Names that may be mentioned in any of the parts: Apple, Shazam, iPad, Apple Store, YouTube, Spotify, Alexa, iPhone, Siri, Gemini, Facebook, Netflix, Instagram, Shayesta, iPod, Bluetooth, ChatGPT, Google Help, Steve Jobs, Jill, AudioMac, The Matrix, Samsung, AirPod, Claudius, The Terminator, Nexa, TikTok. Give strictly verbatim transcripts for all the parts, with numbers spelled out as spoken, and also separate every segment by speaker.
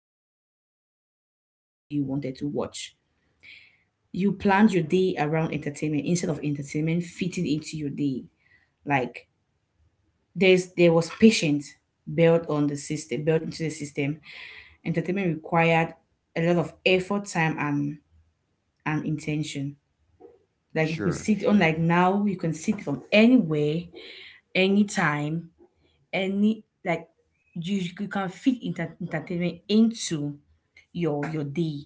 Speaker 1: movie or watch any movie you wanted to watch. You
Speaker 2: Right.
Speaker 1: planned your day around entertainment instead of entertainment fitting into your day. Like there's there was patience built on the system built into the system. Entertainment required a lot of effort, time, and and intention. Like you could
Speaker 2: Sure,
Speaker 1: sit on,
Speaker 2: sure.
Speaker 1: like
Speaker 2: Yeah.
Speaker 1: now you can sit from anywhere, anytime, any like you you can fit enter- entertainment into your your day.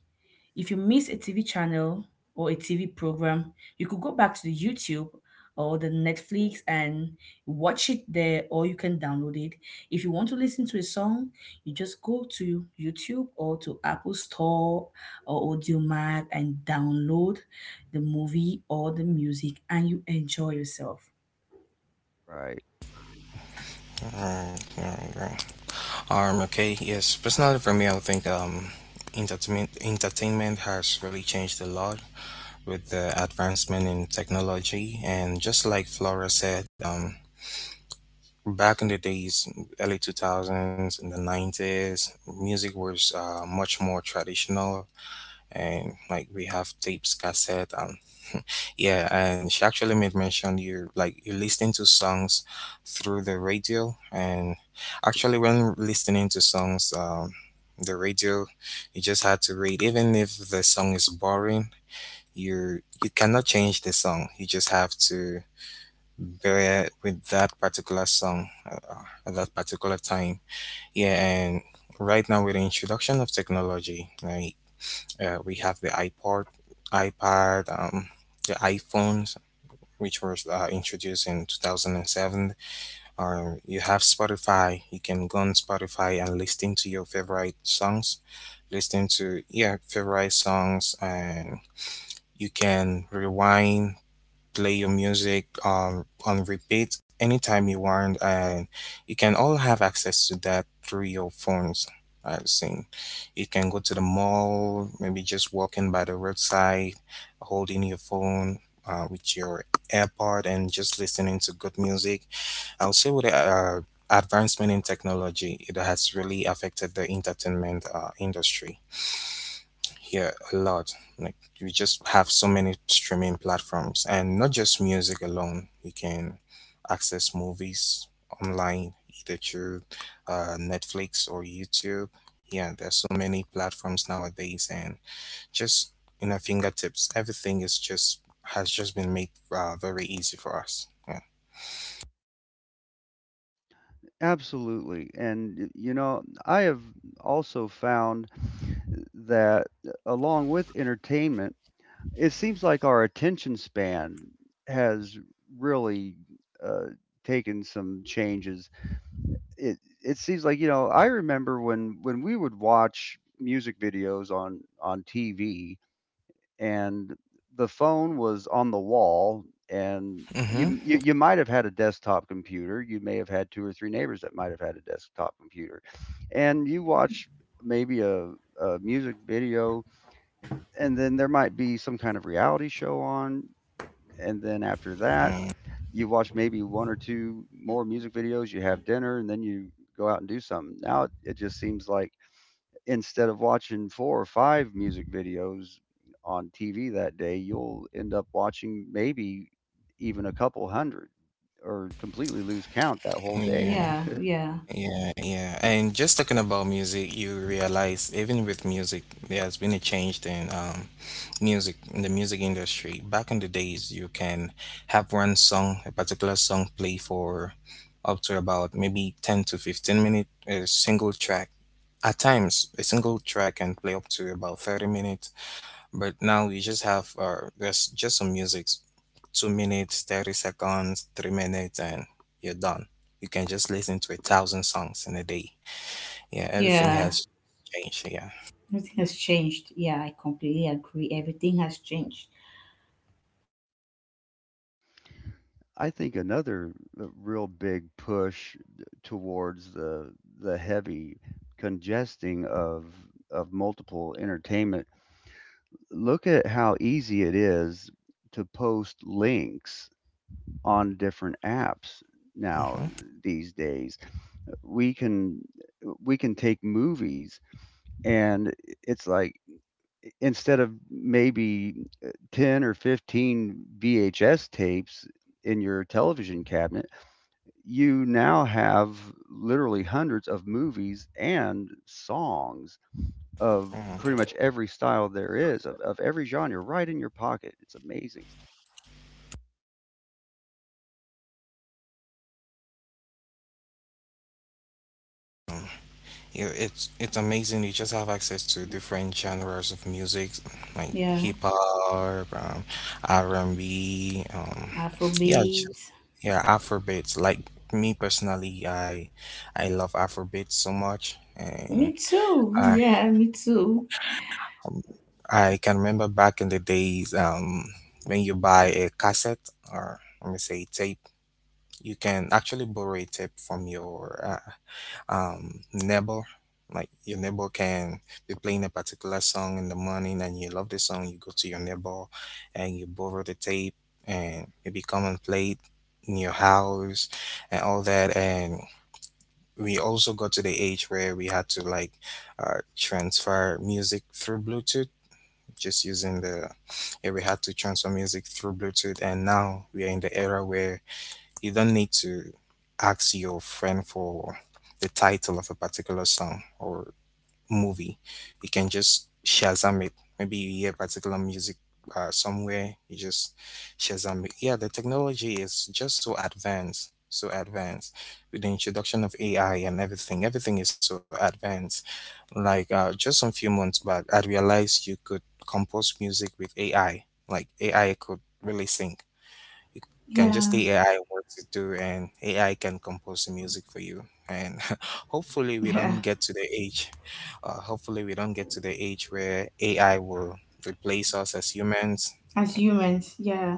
Speaker 1: If you miss a T V channel or a T V program, you could go back to the YouTube or the Netflix and watch it there, or you can download it. If you want to listen to a song, you just go to YouTube or to Apple Store or AudioMac and download the movie or the music and you enjoy yourself.
Speaker 2: Right.
Speaker 3: Right, right, right. Um, okay, yes. Personally, for me, I would think um, entertainment entertainment has really changed a lot with the advancement in technology. And just like Flora said, um, back in the days, early two thousands, in the nineties, music was uh, much more traditional. And like we have tapes, cassette, and Yeah, and she actually made mention, you like, you listening to songs through the radio, and actually when listening to songs, um, the radio, you just had to read. Even if the song is boring, you you cannot change the song. You just have to bear with that particular song uh, at that particular time. Yeah, and right now with the introduction of technology, like uh, we have the iPod, iPad, um, the iPhone, which was uh, introduced in two thousand seven. Or you have Spotify. You can go on Spotify and listen to your favorite songs. Listen to, yeah, favorite songs, and you can rewind, play your music um, on repeat anytime you want, and you can all have access to that through your phones. I've seen you can go to the mall, maybe just walking by the roadside, holding your phone uh, with your AirPod and just listening to good music. I'll say with the uh, advancement in technology, it has really affected the entertainment uh, industry, yeah, a lot. Like, we just have so many streaming platforms, and not just music alone. You can access movies online either through uh, Netflix or YouTube. Yeah, there's so many platforms nowadays, and just in our fingertips, everything is just has just been made uh, very easy for us. Yeah.
Speaker 2: Absolutely, and y- you know, I have also found that along with entertainment, it seems like our attention span has really uh, taken some changes. It it seems like you know, I remember when when we would watch music videos on on T V, and the phone was on the wall, and
Speaker 3: Mm-hmm.
Speaker 2: you, you you might have had a desktop computer. You may have had two or three neighbors that might have had a desktop computer, and you watch maybe a, a music video, and then there might be some kind of reality show on, and then after that
Speaker 3: Mm,
Speaker 2: you watch maybe one or two more music videos, you have dinner, and then you go out and do something. Now it, it just seems like instead of watching four or five music videos on T V that day, you'll end up watching maybe even a couple hundred, or completely lose count that whole day.
Speaker 3: yeah.
Speaker 1: Yeah, yeah,
Speaker 3: Yeah, yeah. And just talking about music, you realize even with music, there has been a change in um, music in the music industry. Back in the days, you can have one song, a particular song, play for up to about maybe ten to fifteen minutes, a single track. At times, a single track can play up to about thirty minutes, but now we just have uh there's just some music, two minutes thirty seconds, three minutes, and you're done. You can just listen to a thousand songs in a day. Yeah, everything
Speaker 1: yeah.
Speaker 3: has changed. Yeah.
Speaker 1: Nothing has changed. Yeah, I completely agree. Everything has changed.
Speaker 2: I think another uh, real big push towards the the heavy congesting of of multiple entertainment. Look at how easy it is to post links on different apps now
Speaker 3: Hmm.
Speaker 2: these days. We can we can take movies, and it's like instead of maybe uh, ten or fifteen V H S tapes in your television cabinet, you now have literally hundreds of movies and songs of
Speaker 3: Mm.
Speaker 2: pretty much every style there is, of, of every genre, right in your pocket. It's amazing.
Speaker 3: Yeah, it's it's amazing. You just have access to different genres of music, like
Speaker 1: Yeah,
Speaker 3: hip-hop, um, r&b, um yeah, just
Speaker 1: Afrobeat.
Speaker 3: yeah, afrobeats. Like, me personally, i i love afrobeats so much. And
Speaker 1: Me too.
Speaker 3: I
Speaker 1: Yeah, me too.
Speaker 3: Um, I can remember back in the days, um, when you buy a cassette, or let me say tape, you can actually borrow a tape from your uh, um, neighbor. Like your neighbor can be playing a particular song in the morning, and you love the song, you go to your neighbor and you borrow the tape and maybe come and play it in your house and all that. And we also got to the age where we had to, like, uh, transfer music through Bluetooth just using the yeah, we had to transfer music through Bluetooth, and now we are in the era where you don't need to ask your friend for the title of a particular song or movie. You can just Shazam it. Maybe you hear particular music uh, somewhere, you just Shazam it. Yeah, the technology is just so advanced, so advanced, with the introduction of A I and everything. Everything is so advanced, like uh, just some few months back, I realized you could compose music with A I. Like, A I could really sing. You can just
Speaker 1: Yeah,
Speaker 3: tell A I what to do, and A I can compose the music for you. And hopefully, we
Speaker 1: yeah.
Speaker 3: don't get to the age. Uh, hopefully, we don't get to the age where A I will replace us as humans.
Speaker 1: As humans, yeah,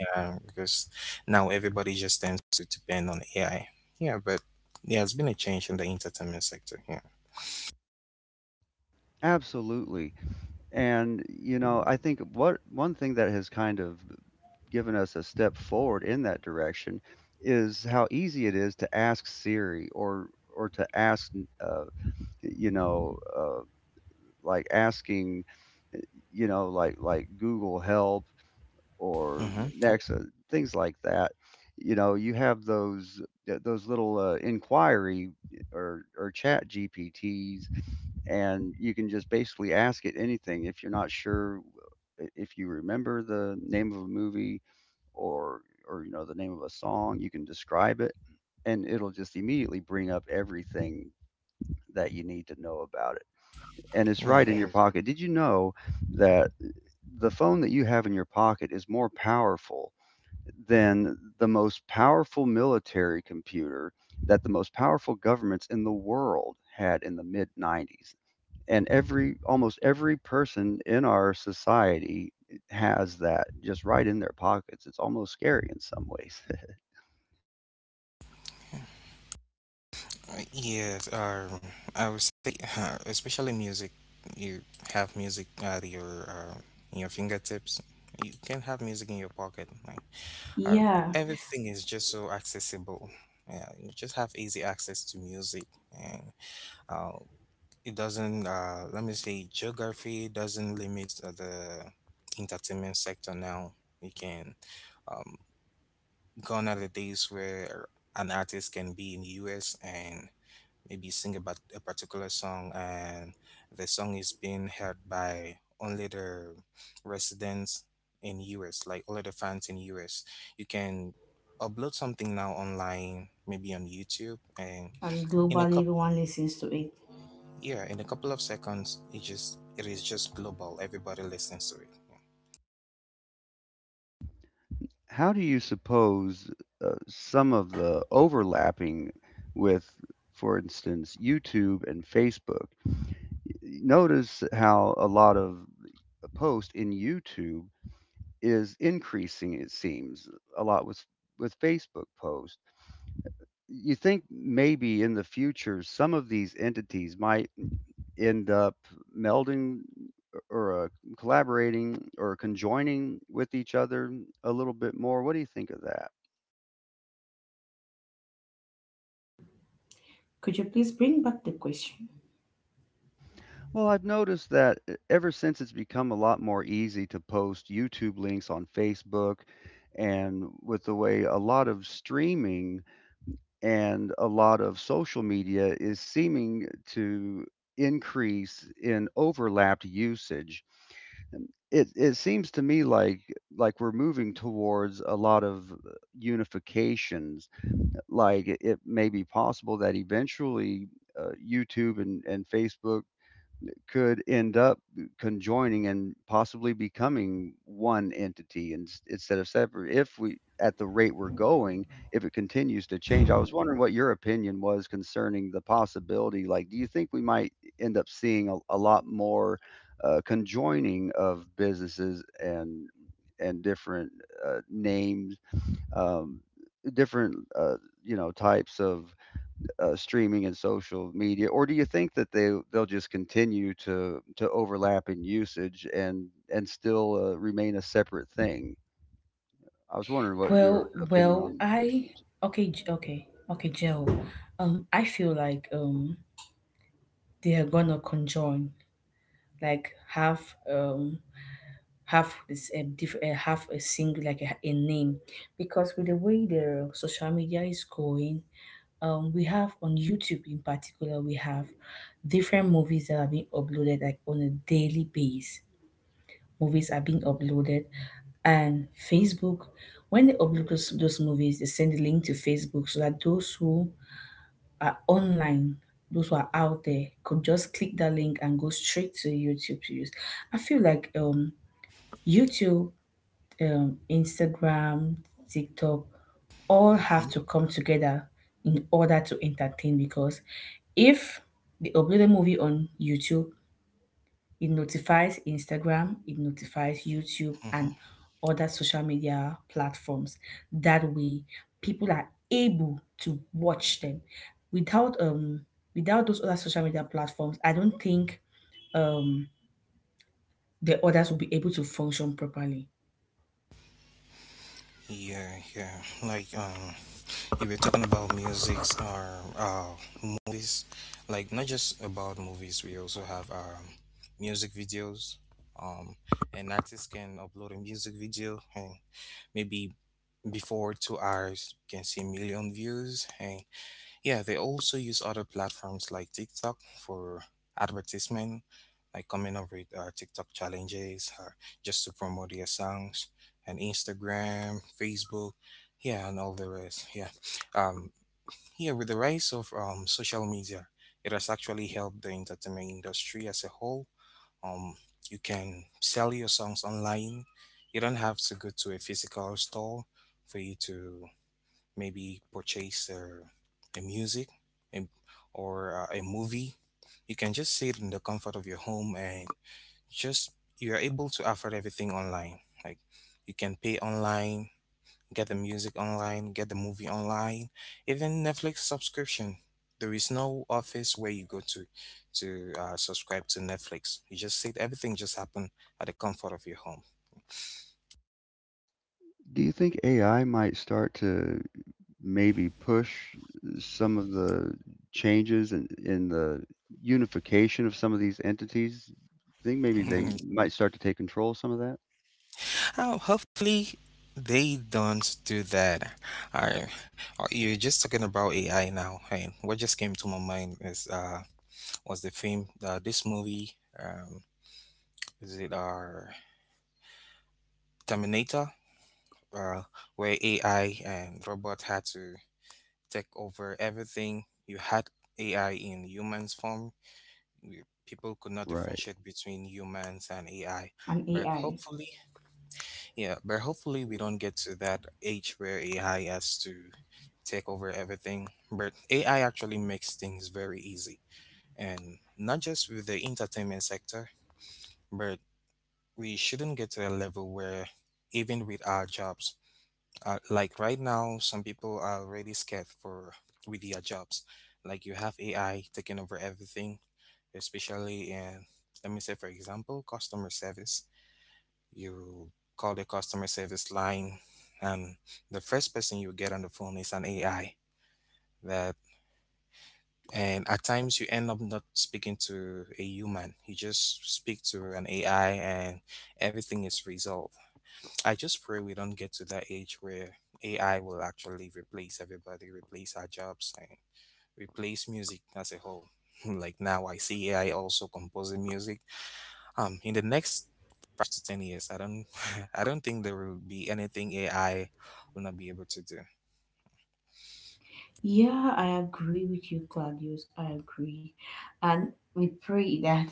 Speaker 3: Yeah, because now everybody just tends to depend on A I. Yeah, but yeah, it's been a change in the entertainment sector. Yeah.
Speaker 2: Absolutely. And you know, I think what one thing that has kind of given us a step forward in that direction is how easy it is to ask Siri or or to ask uh, you know uh, like asking eh, you know, like like Google Help or
Speaker 3: Mm-hmm.
Speaker 2: Nexa, things like that. You know, you have those those little uh, inquiry or or chat G P Ts, and you can just basically ask it anything if you're not sure, eh, if you remember the name of a movie or or you know the name of a song, you can describe it and it'll just immediately bring up everything that you need to know about it, and it's
Speaker 3: Yeah.
Speaker 2: right in your — right — pocket. Did you know that the phone that you have in your pocket is more powerful than the most powerful military computer that the most powerful governments in the world had in the mid nineties, and every almost every person in our society has that just right in their pockets? It's almost scary in some ways.
Speaker 3: Yes, um, I would say, uh, especially music, you have music at your uh, in your fingertips. You can have music in your pocket. Like, um,
Speaker 1: yeah.
Speaker 3: everything is just so accessible. Yeah, you just have easy access to music, and uh, it doesn't. Uh, let me say, geography doesn't limit uh, the entertainment sector now. You can. Um, Gone are the days where an artist can be in the U S and maybe sing about a particular song, and the song is being heard by only the residents in U S, like only the fans in U S. You can upload something now online, maybe on YouTube, and
Speaker 1: And
Speaker 3: in a
Speaker 1: globally,
Speaker 3: couple
Speaker 1: everyone listens to it.
Speaker 3: yeah, in a couple of seconds, it just it is just global. Everybody listens to it.
Speaker 2: How do you suppose uh, some of the overlapping with, for instance, YouTube and Facebook? Notice how a lot of post in YouTube is increasing. It seems a lot with with Facebook posts. You think maybe in the future some of these entities might end up melding or uh, collaborating or conjoining with each other a little bit more. What do you think of that?
Speaker 1: Could you please bring back the question?
Speaker 2: Well, I've noticed that e- ever since it's become a lot more easy to post YouTube links on Facebook, and with the way a lot of streaming and a lot of social media is seeming to increase in overlapped usage, um, it it seems to me like like we're moving towards a lot of uh, unifications. Like it it may be possible that eventually uh, YouTube and, and Facebook could end up conjoining and possibly becoming one entity, ins instead of separate, if we at the rate we're going, if it continues to change. I was wondering what your opinion was concerning the possibility. Like, do you think we might end up seeing a, a lot more uh, conjoining of businesses and and different uh, names, um, different uh, you know, types of uh, streaming and social media? Or do you think that they they'll just continue to to overlap in usage and and still uh, remain a separate thing? I was wondering what
Speaker 1: Well,
Speaker 2: your opinion
Speaker 1: well,
Speaker 2: on
Speaker 1: I
Speaker 2: prediction was.
Speaker 1: okay, J- okay, okay, Joe. Um, I feel like um they are gonna conjoin. Like have um have this a diff- uh, have a single, like a, a name, because with the way the social media is going, um we have on youtube in particular, we have different movies that are being uploaded, like on a daily basis. Movies are being uploaded, and facebook, when they upload those, those movies, they send the link to facebook so that those who are online, those who are out there could just click that link and go straight to YouTube to use. I feel like um YouTube, um Instagram, TikTok all
Speaker 3: Mhm,
Speaker 1: have to come together in order to entertain, because if they upload a movie on YouTube, it notifies Instagram, it notifies YouTube
Speaker 3: mhm.
Speaker 1: and other social media platforms. That way, people are able to watch them. Without um without those other social media platforms, I don't think um the others will be able to function properly.
Speaker 3: Yeah, yeah. Like, um, we were talking about music or uh, movies, like not just about movies. We also have um, music videos. Um, an artist can upload a music video, and maybe before two hours, you can see a million views. And yeah, they also use other platforms like TikTok for advertisement, like coming up with uh, TikTok challenges, uh, just to promote their songs, and Instagram, Facebook, yeah, and all the rest. Yeah, um here, with the rise of um, social media, it has actually helped the entertainment industry as a whole. Um, you can sell your songs online. You don't have to go to a physical store for you to maybe purchase a, a music a, or uh, a movie. You can just sit in the comfort of your home and just you are able to afford everything online. Like, you can pay online. Get the music online, get the movie online, even Netflix subscription. There is no office where you go to to uh, subscribe to Netflix. You just sit, everything just happen at the comfort of your
Speaker 2: Do you think A I might start to maybe push some of the changes in, in the unification of some of these entities? Think maybe they
Speaker 3: home.
Speaker 2: might start to take control of some of that.
Speaker 3: Oh, hopefully they don't do that. I uh, You're just talking about A I now. Hey, what just came to my mind is uh, was the film, uh, this movie, um, is it our Terminator, uh, where A I and robot had to take over everything. You had A I in humans form. We, people could not
Speaker 2: Right.
Speaker 3: differentiate between humans and A I.
Speaker 1: And
Speaker 3: But
Speaker 1: A Is.
Speaker 3: hopefully, yeah, but hopefully we don't get to that age where A I has to take over everything. But A I actually makes things very easy. And not just with the entertainment sector, but we shouldn't get to a level where even with our jobs, uh, like right now some people are already scared for with their jobs. Like, you have AI taking over everything, especially in, let me say for example, customer service. You call the customer service line, and the first person you get on the phone is an AI, that and at times you end up not speaking to a human, you just speak to an AI, and everything is resolved. I just pray we don't get to that age where A I will actually replace everybody, replace our jobs, and replace music as a whole. Like now, I see A I also composing music. Um, in the next five to ten years, I don't, I don't think there will be anything A I will not be able to do.
Speaker 1: Yeah, I agree with you, Claudius. I agree. And we pray that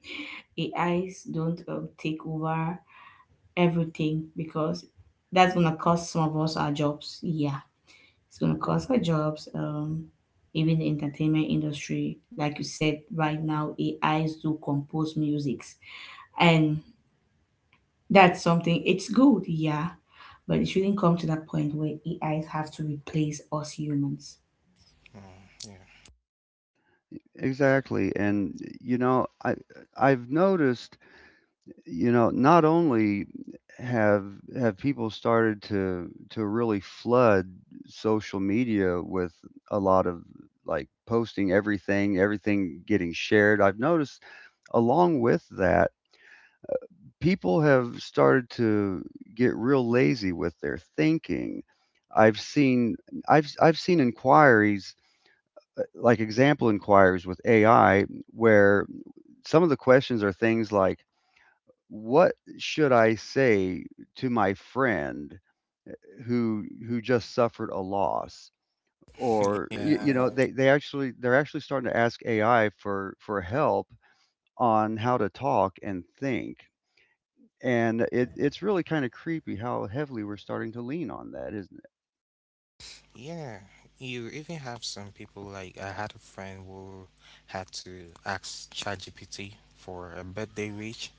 Speaker 1: A Is don't um, take over everything, because that's gonna cost some of us our jobs. Yeah, it's gonna cost our jobs. Um, even the entertainment industry, like you said, right now A Is do compose musics, and that's something. It's good, yeah, but it shouldn't come to that point where A Is have to replace us humans.
Speaker 3: Mm, yeah,
Speaker 2: Exactly. And you know, I I've noticed, you know, not only have have people started to to really flood social media with a lot of like posting everything, everything getting shared. I've noticed along with that, people have started to get real lazy with their thinking. I've seen I've I've seen inquiries, uh, like example inquiries with A I, where some of the questions are things like, what should I say to my friend who who just suffered a loss? Or, you,
Speaker 3: yeah.
Speaker 2: you know, right, they, they actually they're actually starting to ask A I for for help on how to talk and think. And it, it's really kind of creepy how heavily we're starting to lean on that, isn't
Speaker 3: Yeah, you even have some people, like I had a friend who had to ask ChatGPT for a birthday wish,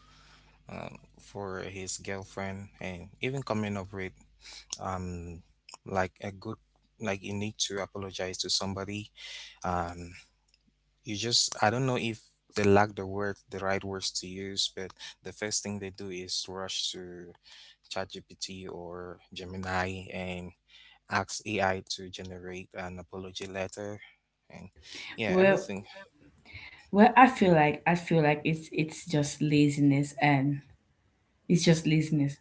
Speaker 3: um, for his girlfriend, and even coming up with um like a good, like you need to apologize to somebody. Um, you just I don't know if they lack the word the right words to use, but the first thing they do is rush to ChatGPT or Gemini and ask A I to generate an apology letter, and yeah,
Speaker 1: Well,
Speaker 3: everything.
Speaker 1: well, I feel like I feel like it's it's just laziness and it's just laziness.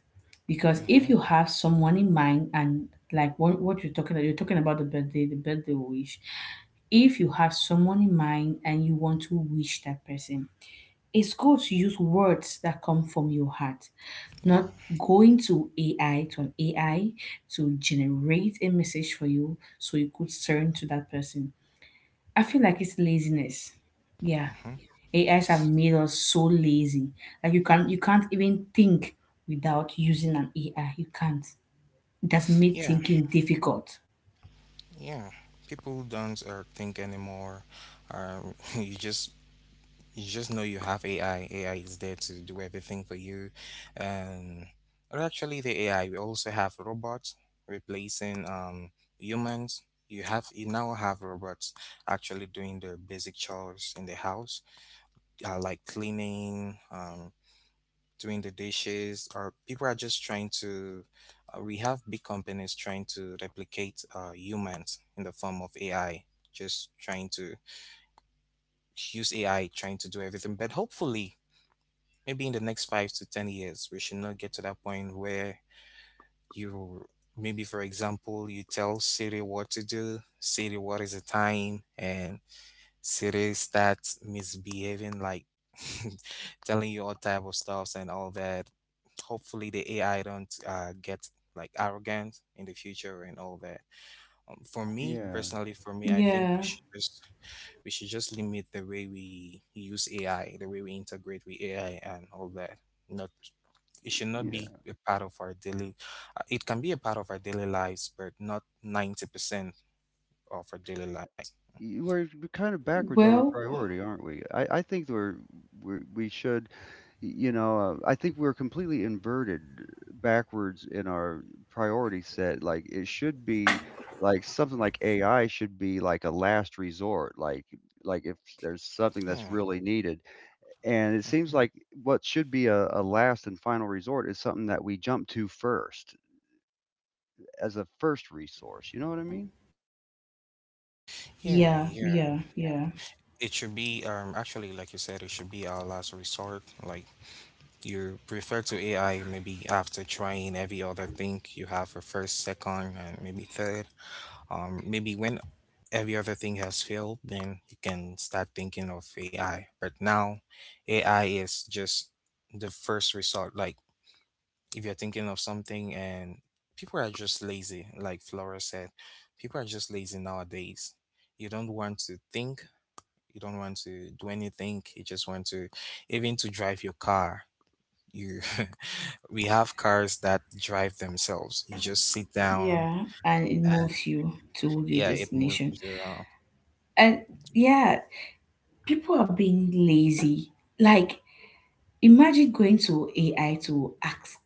Speaker 1: Because
Speaker 3: Mm-hmm.
Speaker 1: if you have someone in mind, and like what, what you're talking about, you're talking about the birthday, the birthday wish. If you have someone in mind and you want to wish that person, it's good to use words that come from your heart,
Speaker 3: Yeah.
Speaker 1: not going to A I, to an A I to generate a message for you so you could turn to that person. I feel like it's laziness. Yeah.
Speaker 3: Mm-hmm.
Speaker 1: A Is have made us so lazy. Like you can you can't even think without using an A I. You can't. It has made
Speaker 3: Yeah.
Speaker 1: thinking difficult.
Speaker 3: Yeah. People don't uh, think anymore. Um, you just you just know you have A I. A I is there to do everything for you, and or actually the A I. We also have robots replacing um humans. You have you now have robots actually doing the basic chores in the house, uh, like cleaning, um, doing the dishes, or people are just trying to. Uh, we have big companies trying to replicate uh, humans in the form of A I, just trying to use A I, trying to do everything. But hopefully, maybe in the next five to ten years, we should not get to that point where you maybe, for example, you tell Siri what to do, Siri, what is the time, and cities that's misbehaving, like telling you all type of stuffs and all that. Hopefully, the A I don't uh, get like arrogant in the future and all that. Um, for
Speaker 2: it? Hmm.
Speaker 3: me
Speaker 2: Yeah.
Speaker 3: personally, for me, I think
Speaker 1: Yeah.
Speaker 3: we should just we should just limit the way we use A I, the way we integrate with A I and all that. Not it should not be
Speaker 2: Yeah.
Speaker 3: a part of our daily. Uh, it can be a part of our daily lives, but not ninety percent of our daily lives.
Speaker 2: Y We're kind of backwards on our
Speaker 1: Well,
Speaker 2: priority, aren't we? I I think we're we we should, y you know, uh, I think we're completely inverted backwards in our priority set. Like, it should be like something like A I should be like a last resort, like like if there's something that's
Speaker 3: Yeah.
Speaker 2: really needed. And it seems
Speaker 3: Mhm.
Speaker 2: like what should be a, a last and final resort is something that we jump to first as a first resource. You know what I mean?
Speaker 3: Yeah,
Speaker 1: yeah,
Speaker 3: yeah,
Speaker 1: yeah, yeah,
Speaker 3: it should be um actually like you said, it should be our last resort. Like, you prefer to A I maybe after trying every other thing you have for first, second, and maybe third. Um maybe when every other thing has failed, then you can start thinking of A I. But now A I is just the first resort. Like, if you're thinking of something and people are just lazy, like Flora said, people are just lazy nowadays. You don't want to think, you don't want to do anything. You just want to, even to drive your car. You, we have cars that drive themselves. You just sit down
Speaker 1: yeah. And it
Speaker 3: and
Speaker 1: moves you to your
Speaker 3: yeah, it moves
Speaker 1: destination.
Speaker 3: to. Uh,
Speaker 1: And yeah, people are being lazy. Like, imagine going to A I to ask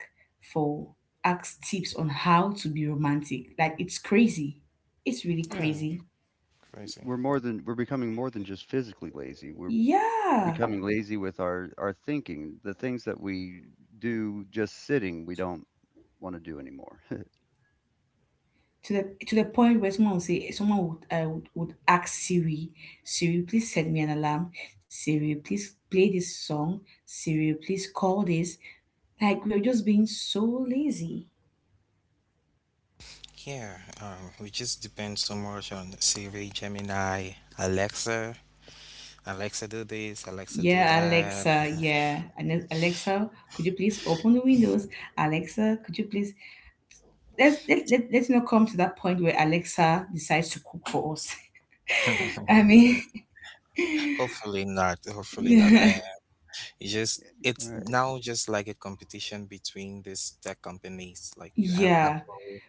Speaker 1: for, ask tips on how to be romantic. Like, it's crazy. It's really
Speaker 3: Yeah,
Speaker 1: crazy.
Speaker 3: crazy.
Speaker 2: We're more than — we're becoming more than just physically lazy. We're
Speaker 1: Yeah.
Speaker 2: becoming lazy with our our thinking, the things that we do just sitting, we don't want to do anymore.
Speaker 1: To the, to the point where someone would say, someone would uh, would, would ask Siri, Siri, please send me an alarm. Siri, please play this song. Siri, please call this. Like we are just being so lazy.
Speaker 3: Yeah, um, we just depend so much on Siri, Gemini, Alexa. Alexa, do this. Alexa, do
Speaker 1: Yeah,
Speaker 3: that.
Speaker 1: Alexa. Yeah, and Alexa, could you please open the windows? Alexa, could you please? Let's let, let, let's not come to that point where Alexa decides to cook for us. I mean,
Speaker 3: Hopefully not. Hopefully not. I you just it's
Speaker 2: Right.
Speaker 3: now just like a competition between these tech companies. Like, you have
Speaker 1: yeah,
Speaker 3: Apple,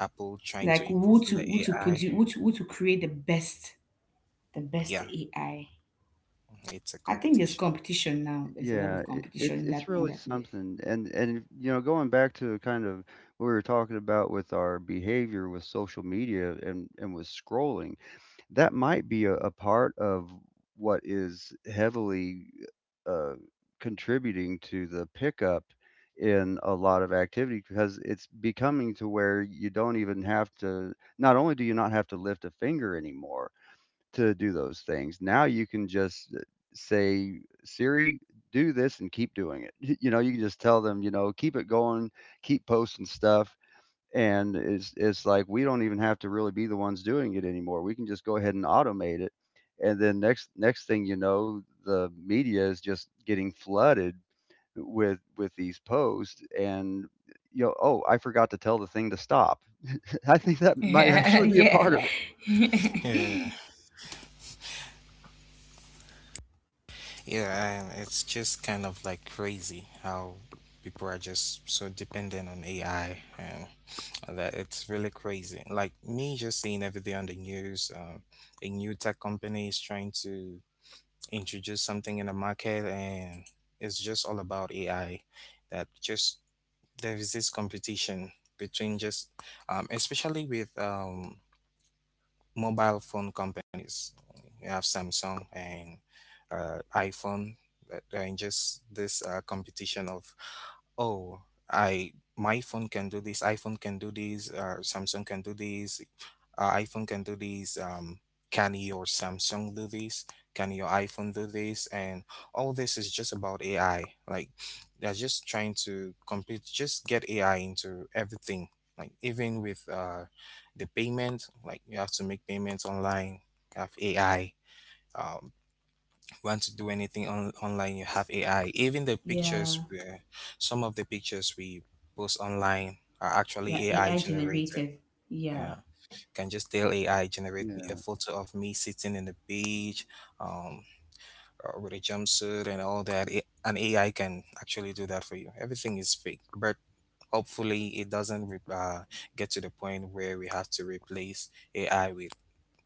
Speaker 3: Apple trying to
Speaker 1: like who
Speaker 3: improve on
Speaker 1: to
Speaker 3: the
Speaker 1: who to
Speaker 3: A I.
Speaker 1: produce, who to, who to create the best. The best
Speaker 3: Yeah,
Speaker 1: A I. I
Speaker 3: it's a
Speaker 1: I think there's
Speaker 3: competition.
Speaker 1: competition now. There's a lot
Speaker 2: Yeah,
Speaker 1: of
Speaker 2: it,
Speaker 1: competition
Speaker 2: it's
Speaker 1: in
Speaker 2: it's
Speaker 1: that in
Speaker 2: really
Speaker 1: that.
Speaker 2: something. And and you know, going back to kind of what we were talking about with our behavior with social media and and with scrolling, that might be a, a part of what is heavily uh, contributing to the pickup in a lot of activity, because it's becoming to where you don't even have to — not only do you not have to lift a finger anymore to do those things, now you can just uh, say, Siri, do this, and keep doing it. You know, you can just tell them, you know, keep it going, keep posting stuff, and it's it's like we don't even have to really be the ones doing it anymore. We can just go ahead and automate it, and then next next thing you know, the media is just getting flooded with with these posts, and you know, oh, I forgot to tell the thing to stop. I think that might actually be a
Speaker 1: yeah.
Speaker 2: part of it.
Speaker 3: Yeah, yeah, and it's just kind of like crazy how people are just so dependent on A I and all that. It's really crazy. Like, me just seeing every day on the news, um, a new tech company is trying to introduce something in the market, and it's just all about A I. That just there is this competition between just um, especially with um, mobile phone companies. You have samsung and uh, iphone, uh, and just this uh, competition of, oh, I my phone can do this, iphone can do this, uh, samsung can do this, uh, iphone can do this, um, can your samsung do this, can your iphone do this? And all this is just about A I. Like, they're just trying to compete, just get A I into everything. Like, even with uh, the payment, like you have to make payments online, have A I. Want to do anything on, online, you have A I. Even the pictures,
Speaker 1: Yeah.
Speaker 3: we, some of the pictures we post online are
Speaker 1: Yeah,
Speaker 3: actually A I
Speaker 1: A I
Speaker 3: generated.
Speaker 1: generated. Yeah.
Speaker 3: Yeah, can just tell A I generate me a
Speaker 2: yeah.
Speaker 3: photo of me sitting in the beach, um, uh, with a jumpsuit and all that. It, an A I can actually do that for you. Everything is fake, but hopefully it doesn't re- uh, get to the point where we have to replace A I with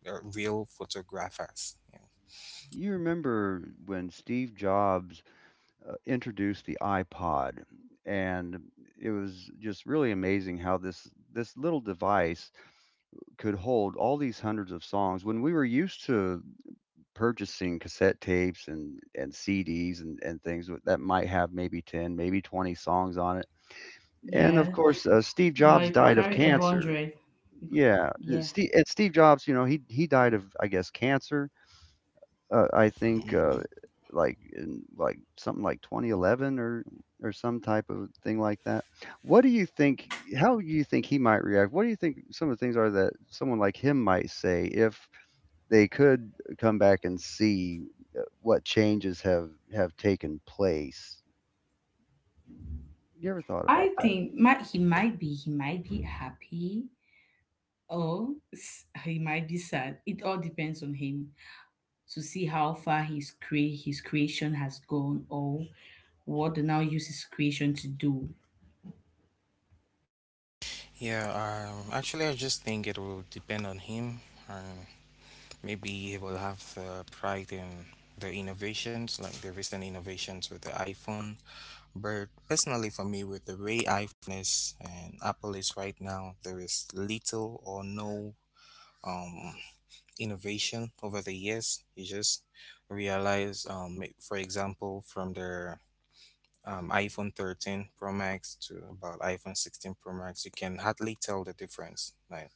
Speaker 3: uh, real photographers. Yeah.
Speaker 2: You remember when Steve Jobs uh, introduced the iPod, and it was just really amazing how this this little device could hold all these hundreds of songs, when we were used to purchasing cassette tapes and and C Ds and and things with- that might have maybe ten, maybe twenty songs on it. And
Speaker 1: Yeah.
Speaker 2: of course, uh, Steve
Speaker 1: Now
Speaker 2: Jobs
Speaker 1: you could
Speaker 2: died of
Speaker 1: carry a
Speaker 2: cancer.
Speaker 1: hundred. You
Speaker 2: Yeah,
Speaker 1: could- Yeah.
Speaker 2: Steve and Steve Jobs, you know, he he died of, I guess, cancer. Uh, I think uh,
Speaker 3: Mm-hmm.
Speaker 2: like in like something like twenty eleven or or some type of thing like that. What do you think? How do you think he might react? What do you think some of the things are that someone like him might say if they could come back and see uh, what changes have have taken place? You ever thought about
Speaker 1: I
Speaker 2: that?
Speaker 1: think might he might be, he might be happy, or s- he might be sad. It all depends on him to see how far his cre- his creation has gone, or what the now use his creation to do.
Speaker 3: Yeah, um, actually, I just think it will depend on him. Um, Maybe he will have the pride in the innovations, like the recent innovations with the iPhone. But personally, for me, with the way iPhone is and Apple is right now, there is little or no um, innovation over the years. You just realize, um, ma- for example, from the um, iPhone thirteen Pro Max to about iPhone sixteen Pro Max, you can hardly tell the difference. Like,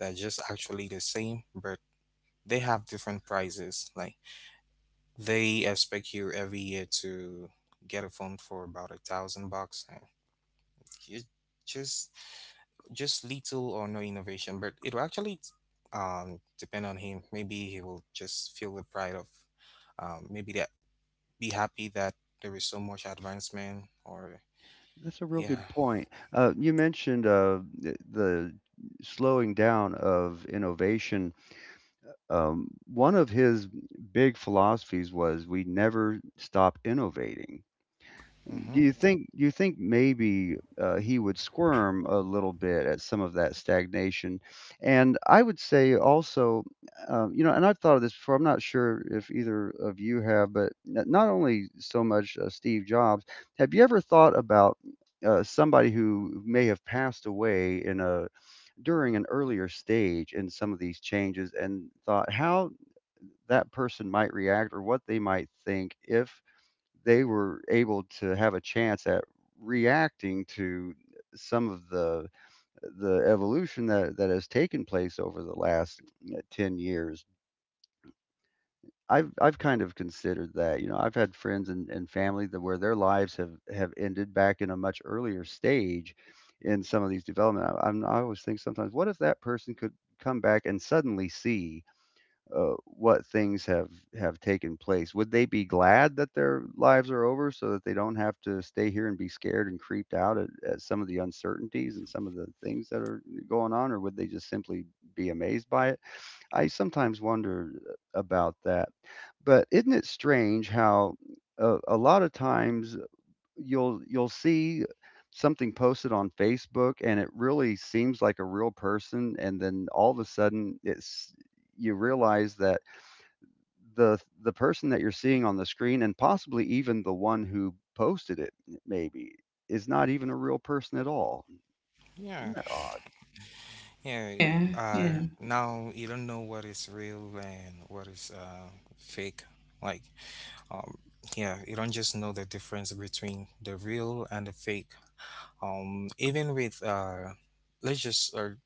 Speaker 3: they're just actually the same, but they have different prices. Like, they expect you every year to get a phone for about a thousand bucks. And you- Just just little or no innovation, but it'll actually um depend on him. Maybe he will just feel the pride of um maybe that be happy that there is so much advancement or
Speaker 2: That's a real good
Speaker 3: yeah.
Speaker 2: point. Uh, you mentioned uh, th- the slowing down of innovation. Um, one of his big philosophies was, we never stop innovating.
Speaker 3: Mm-hmm.
Speaker 2: Do you think do you think maybe, uh, he would squirm a little bit at some of that stagnation? And I would say also, um, you know, and I've thought of this before, I'm not sure if either of you have, but n not only so much uh, Steve Jobs, have you ever thought about uh, somebody who may have passed away in a during an earlier stage in some of these changes, and thought how that person might react or what they might think if they were able to have a chance at reacting to some of the the evolution that that has taken place over the last uh, ten years? I've i've kind of considered that. You know, I've had friends and, and family that where their lives have have ended back in a much earlier stage in some of these development. I, I'm, I always think sometimes, what if that person could come back and suddenly see uh, what things have have taken place? Would they be glad that their lives are over so that they don't have to stay here and be scared and creeped out at, at some of the uncertainties and some of the things that are going on? Or would they just simply be amazed by it? I sometimes wonder about that. But isn't it strange how a, a lot of times you'll you'll see something posted on Facebook and it really seems like a real person, and then all of a sudden it's you realize that the the person that you're seeing on the screen, and possibly even the one who posted it, maybe is not even a real person at all?
Speaker 3: Yeah.
Speaker 2: Isn't that odd?
Speaker 3: Yeah,
Speaker 1: Yeah,
Speaker 3: uh,
Speaker 1: yeah,
Speaker 3: now you don't know what is real and what is uh, fake. Like, um, yeah, you don't just know the difference between the real and the fake. Um, even with uh, let's just or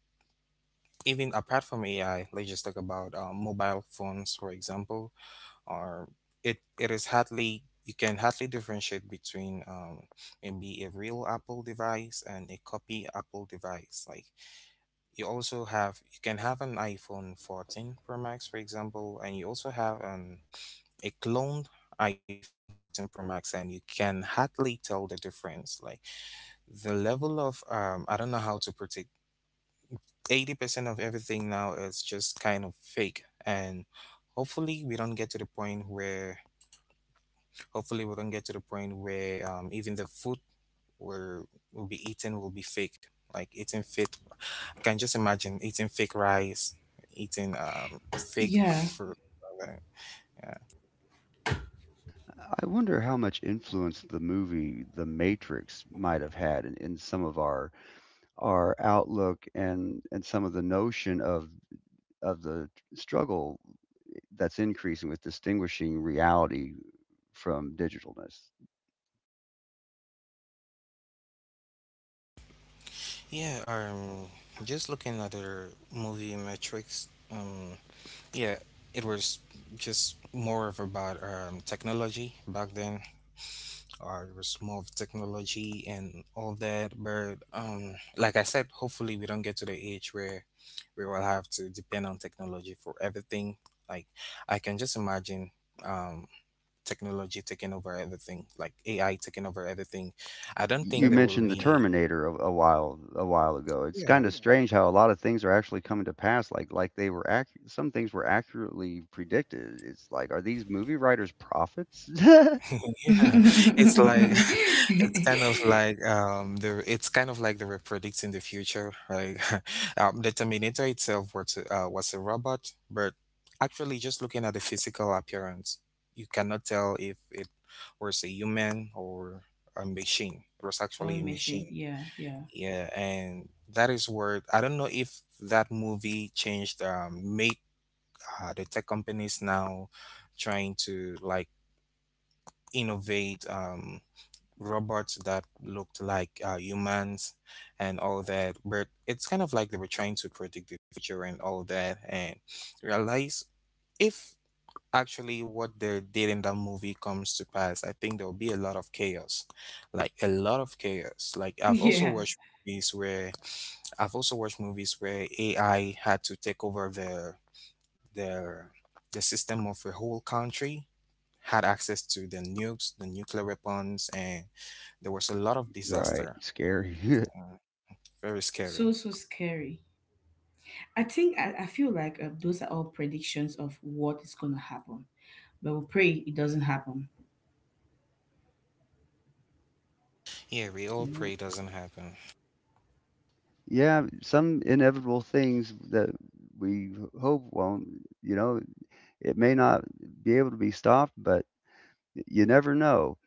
Speaker 3: even apart from A I, let's just talk about uh, mobile phones, for example. Or it it is hardly you can hardly differentiate between um, maybe a real Apple device and a copy Apple device. Like, you also have you can have an iPhone fourteen Pro Max, for example, and you also have an a cloned iPhone fourteen Pro Max, and you can hardly tell the difference. Like, the level of um, I don't know how to predict. Eighty percent of everything now is just kind of fake, and hopefully we don't get to the point where hopefully we don't get to the point where um, even the food will will be eating will be fake. Like eating fake, I can just imagine eating fake rice, eating um fake
Speaker 1: yeah.
Speaker 3: fruit like that.
Speaker 2: I wonder how much influence the movie The Matrix might have had in, in some of our our outlook and and some of the notion of of the struggle that's increasing with distinguishing reality from digitalness.
Speaker 3: Yeah, yeah, um just looking at the movie metrics, um yeah, it was just more of about um technology back then or the small technology and all that. But um, like I said, hopefully we don't get to the age where we will have to depend on technology for everything. Like, I can just imagine um, technology taking over everything, like A I taking over everything. I don't think
Speaker 2: You
Speaker 3: there will
Speaker 2: mentioned the
Speaker 3: be.
Speaker 2: Terminator a, a while a while ago. It's
Speaker 3: Yeah,
Speaker 2: kind of strange how a lot of things are actually coming to pass. Like like they were accu- some things were accurately predicted. It's like, are these movie writers prophets?
Speaker 3: yeah, it's like it's kind of like um the it's kind of like they were predicting the future. Like, um, the Terminator itself was a- uh, was a robot, but actually just looking at the physical appearance, you cannot tell if it was a human or a machine. It was
Speaker 1: Oil
Speaker 3: actually a
Speaker 1: machine,
Speaker 3: machine.
Speaker 1: yeah, yeah,
Speaker 3: Yeah, and that is where I don't know if that movie changed um made uh, the tech companies now trying to like innovate um robots that looked like uh, humans and all that. But it's kind of like they were trying to predict the future and all that, and realize if actually what they did in that movie comes to pass, I think there will be a lot of chaos, like a lot of chaos. Like, I've also
Speaker 1: yeah.
Speaker 3: watched movies where I've also watched movies where A I had to take over the the the system of a whole country, had access to the nukes, the nuclear weapons, and there was a lot of
Speaker 2: Right.
Speaker 3: disaster.
Speaker 2: Scary.
Speaker 3: uh, Very scary.
Speaker 1: So so scary. I think I, I feel like uh, those are all predictions of what is gonna happen, but we pray it doesn't happen.
Speaker 3: Yeah, we all
Speaker 2: Yeah.
Speaker 3: pray it doesn't happen.
Speaker 2: Yeah, some inevitable things that we hope won't, you know, it may not be able to be stopped, but you never know.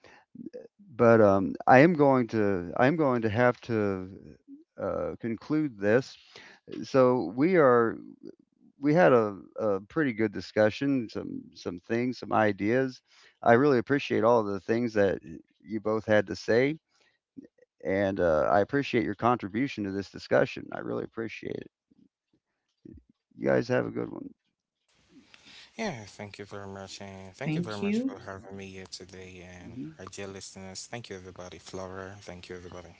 Speaker 2: But um, I am going to I am going to have to uh, conclude this. So we are — we had a, a pretty good discussion, some some things, some ideas. I really appreciate all of the things that you both had to say, and uh, I appreciate your contribution to this discussion. I really appreciate it. You guys have a good one.
Speaker 3: Yeah, thank you very much,
Speaker 1: Yeah,
Speaker 3: and thank you very
Speaker 1: thank
Speaker 3: much
Speaker 1: you,
Speaker 3: for having me here today, and
Speaker 2: Mhm.
Speaker 3: our dear listeners. Thank you, everybody. Flora, thank you, everybody.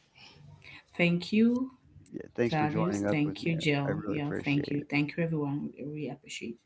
Speaker 1: thank you,
Speaker 2: Yeah, thanks for
Speaker 1: Claudius.
Speaker 2: joining up with
Speaker 1: Thank
Speaker 2: me.
Speaker 1: you,
Speaker 2: I I
Speaker 1: Jill.
Speaker 2: really
Speaker 1: Yeah,
Speaker 2: appreciate
Speaker 1: thank you,
Speaker 2: it.
Speaker 1: thank you, everyone. We really appreciate.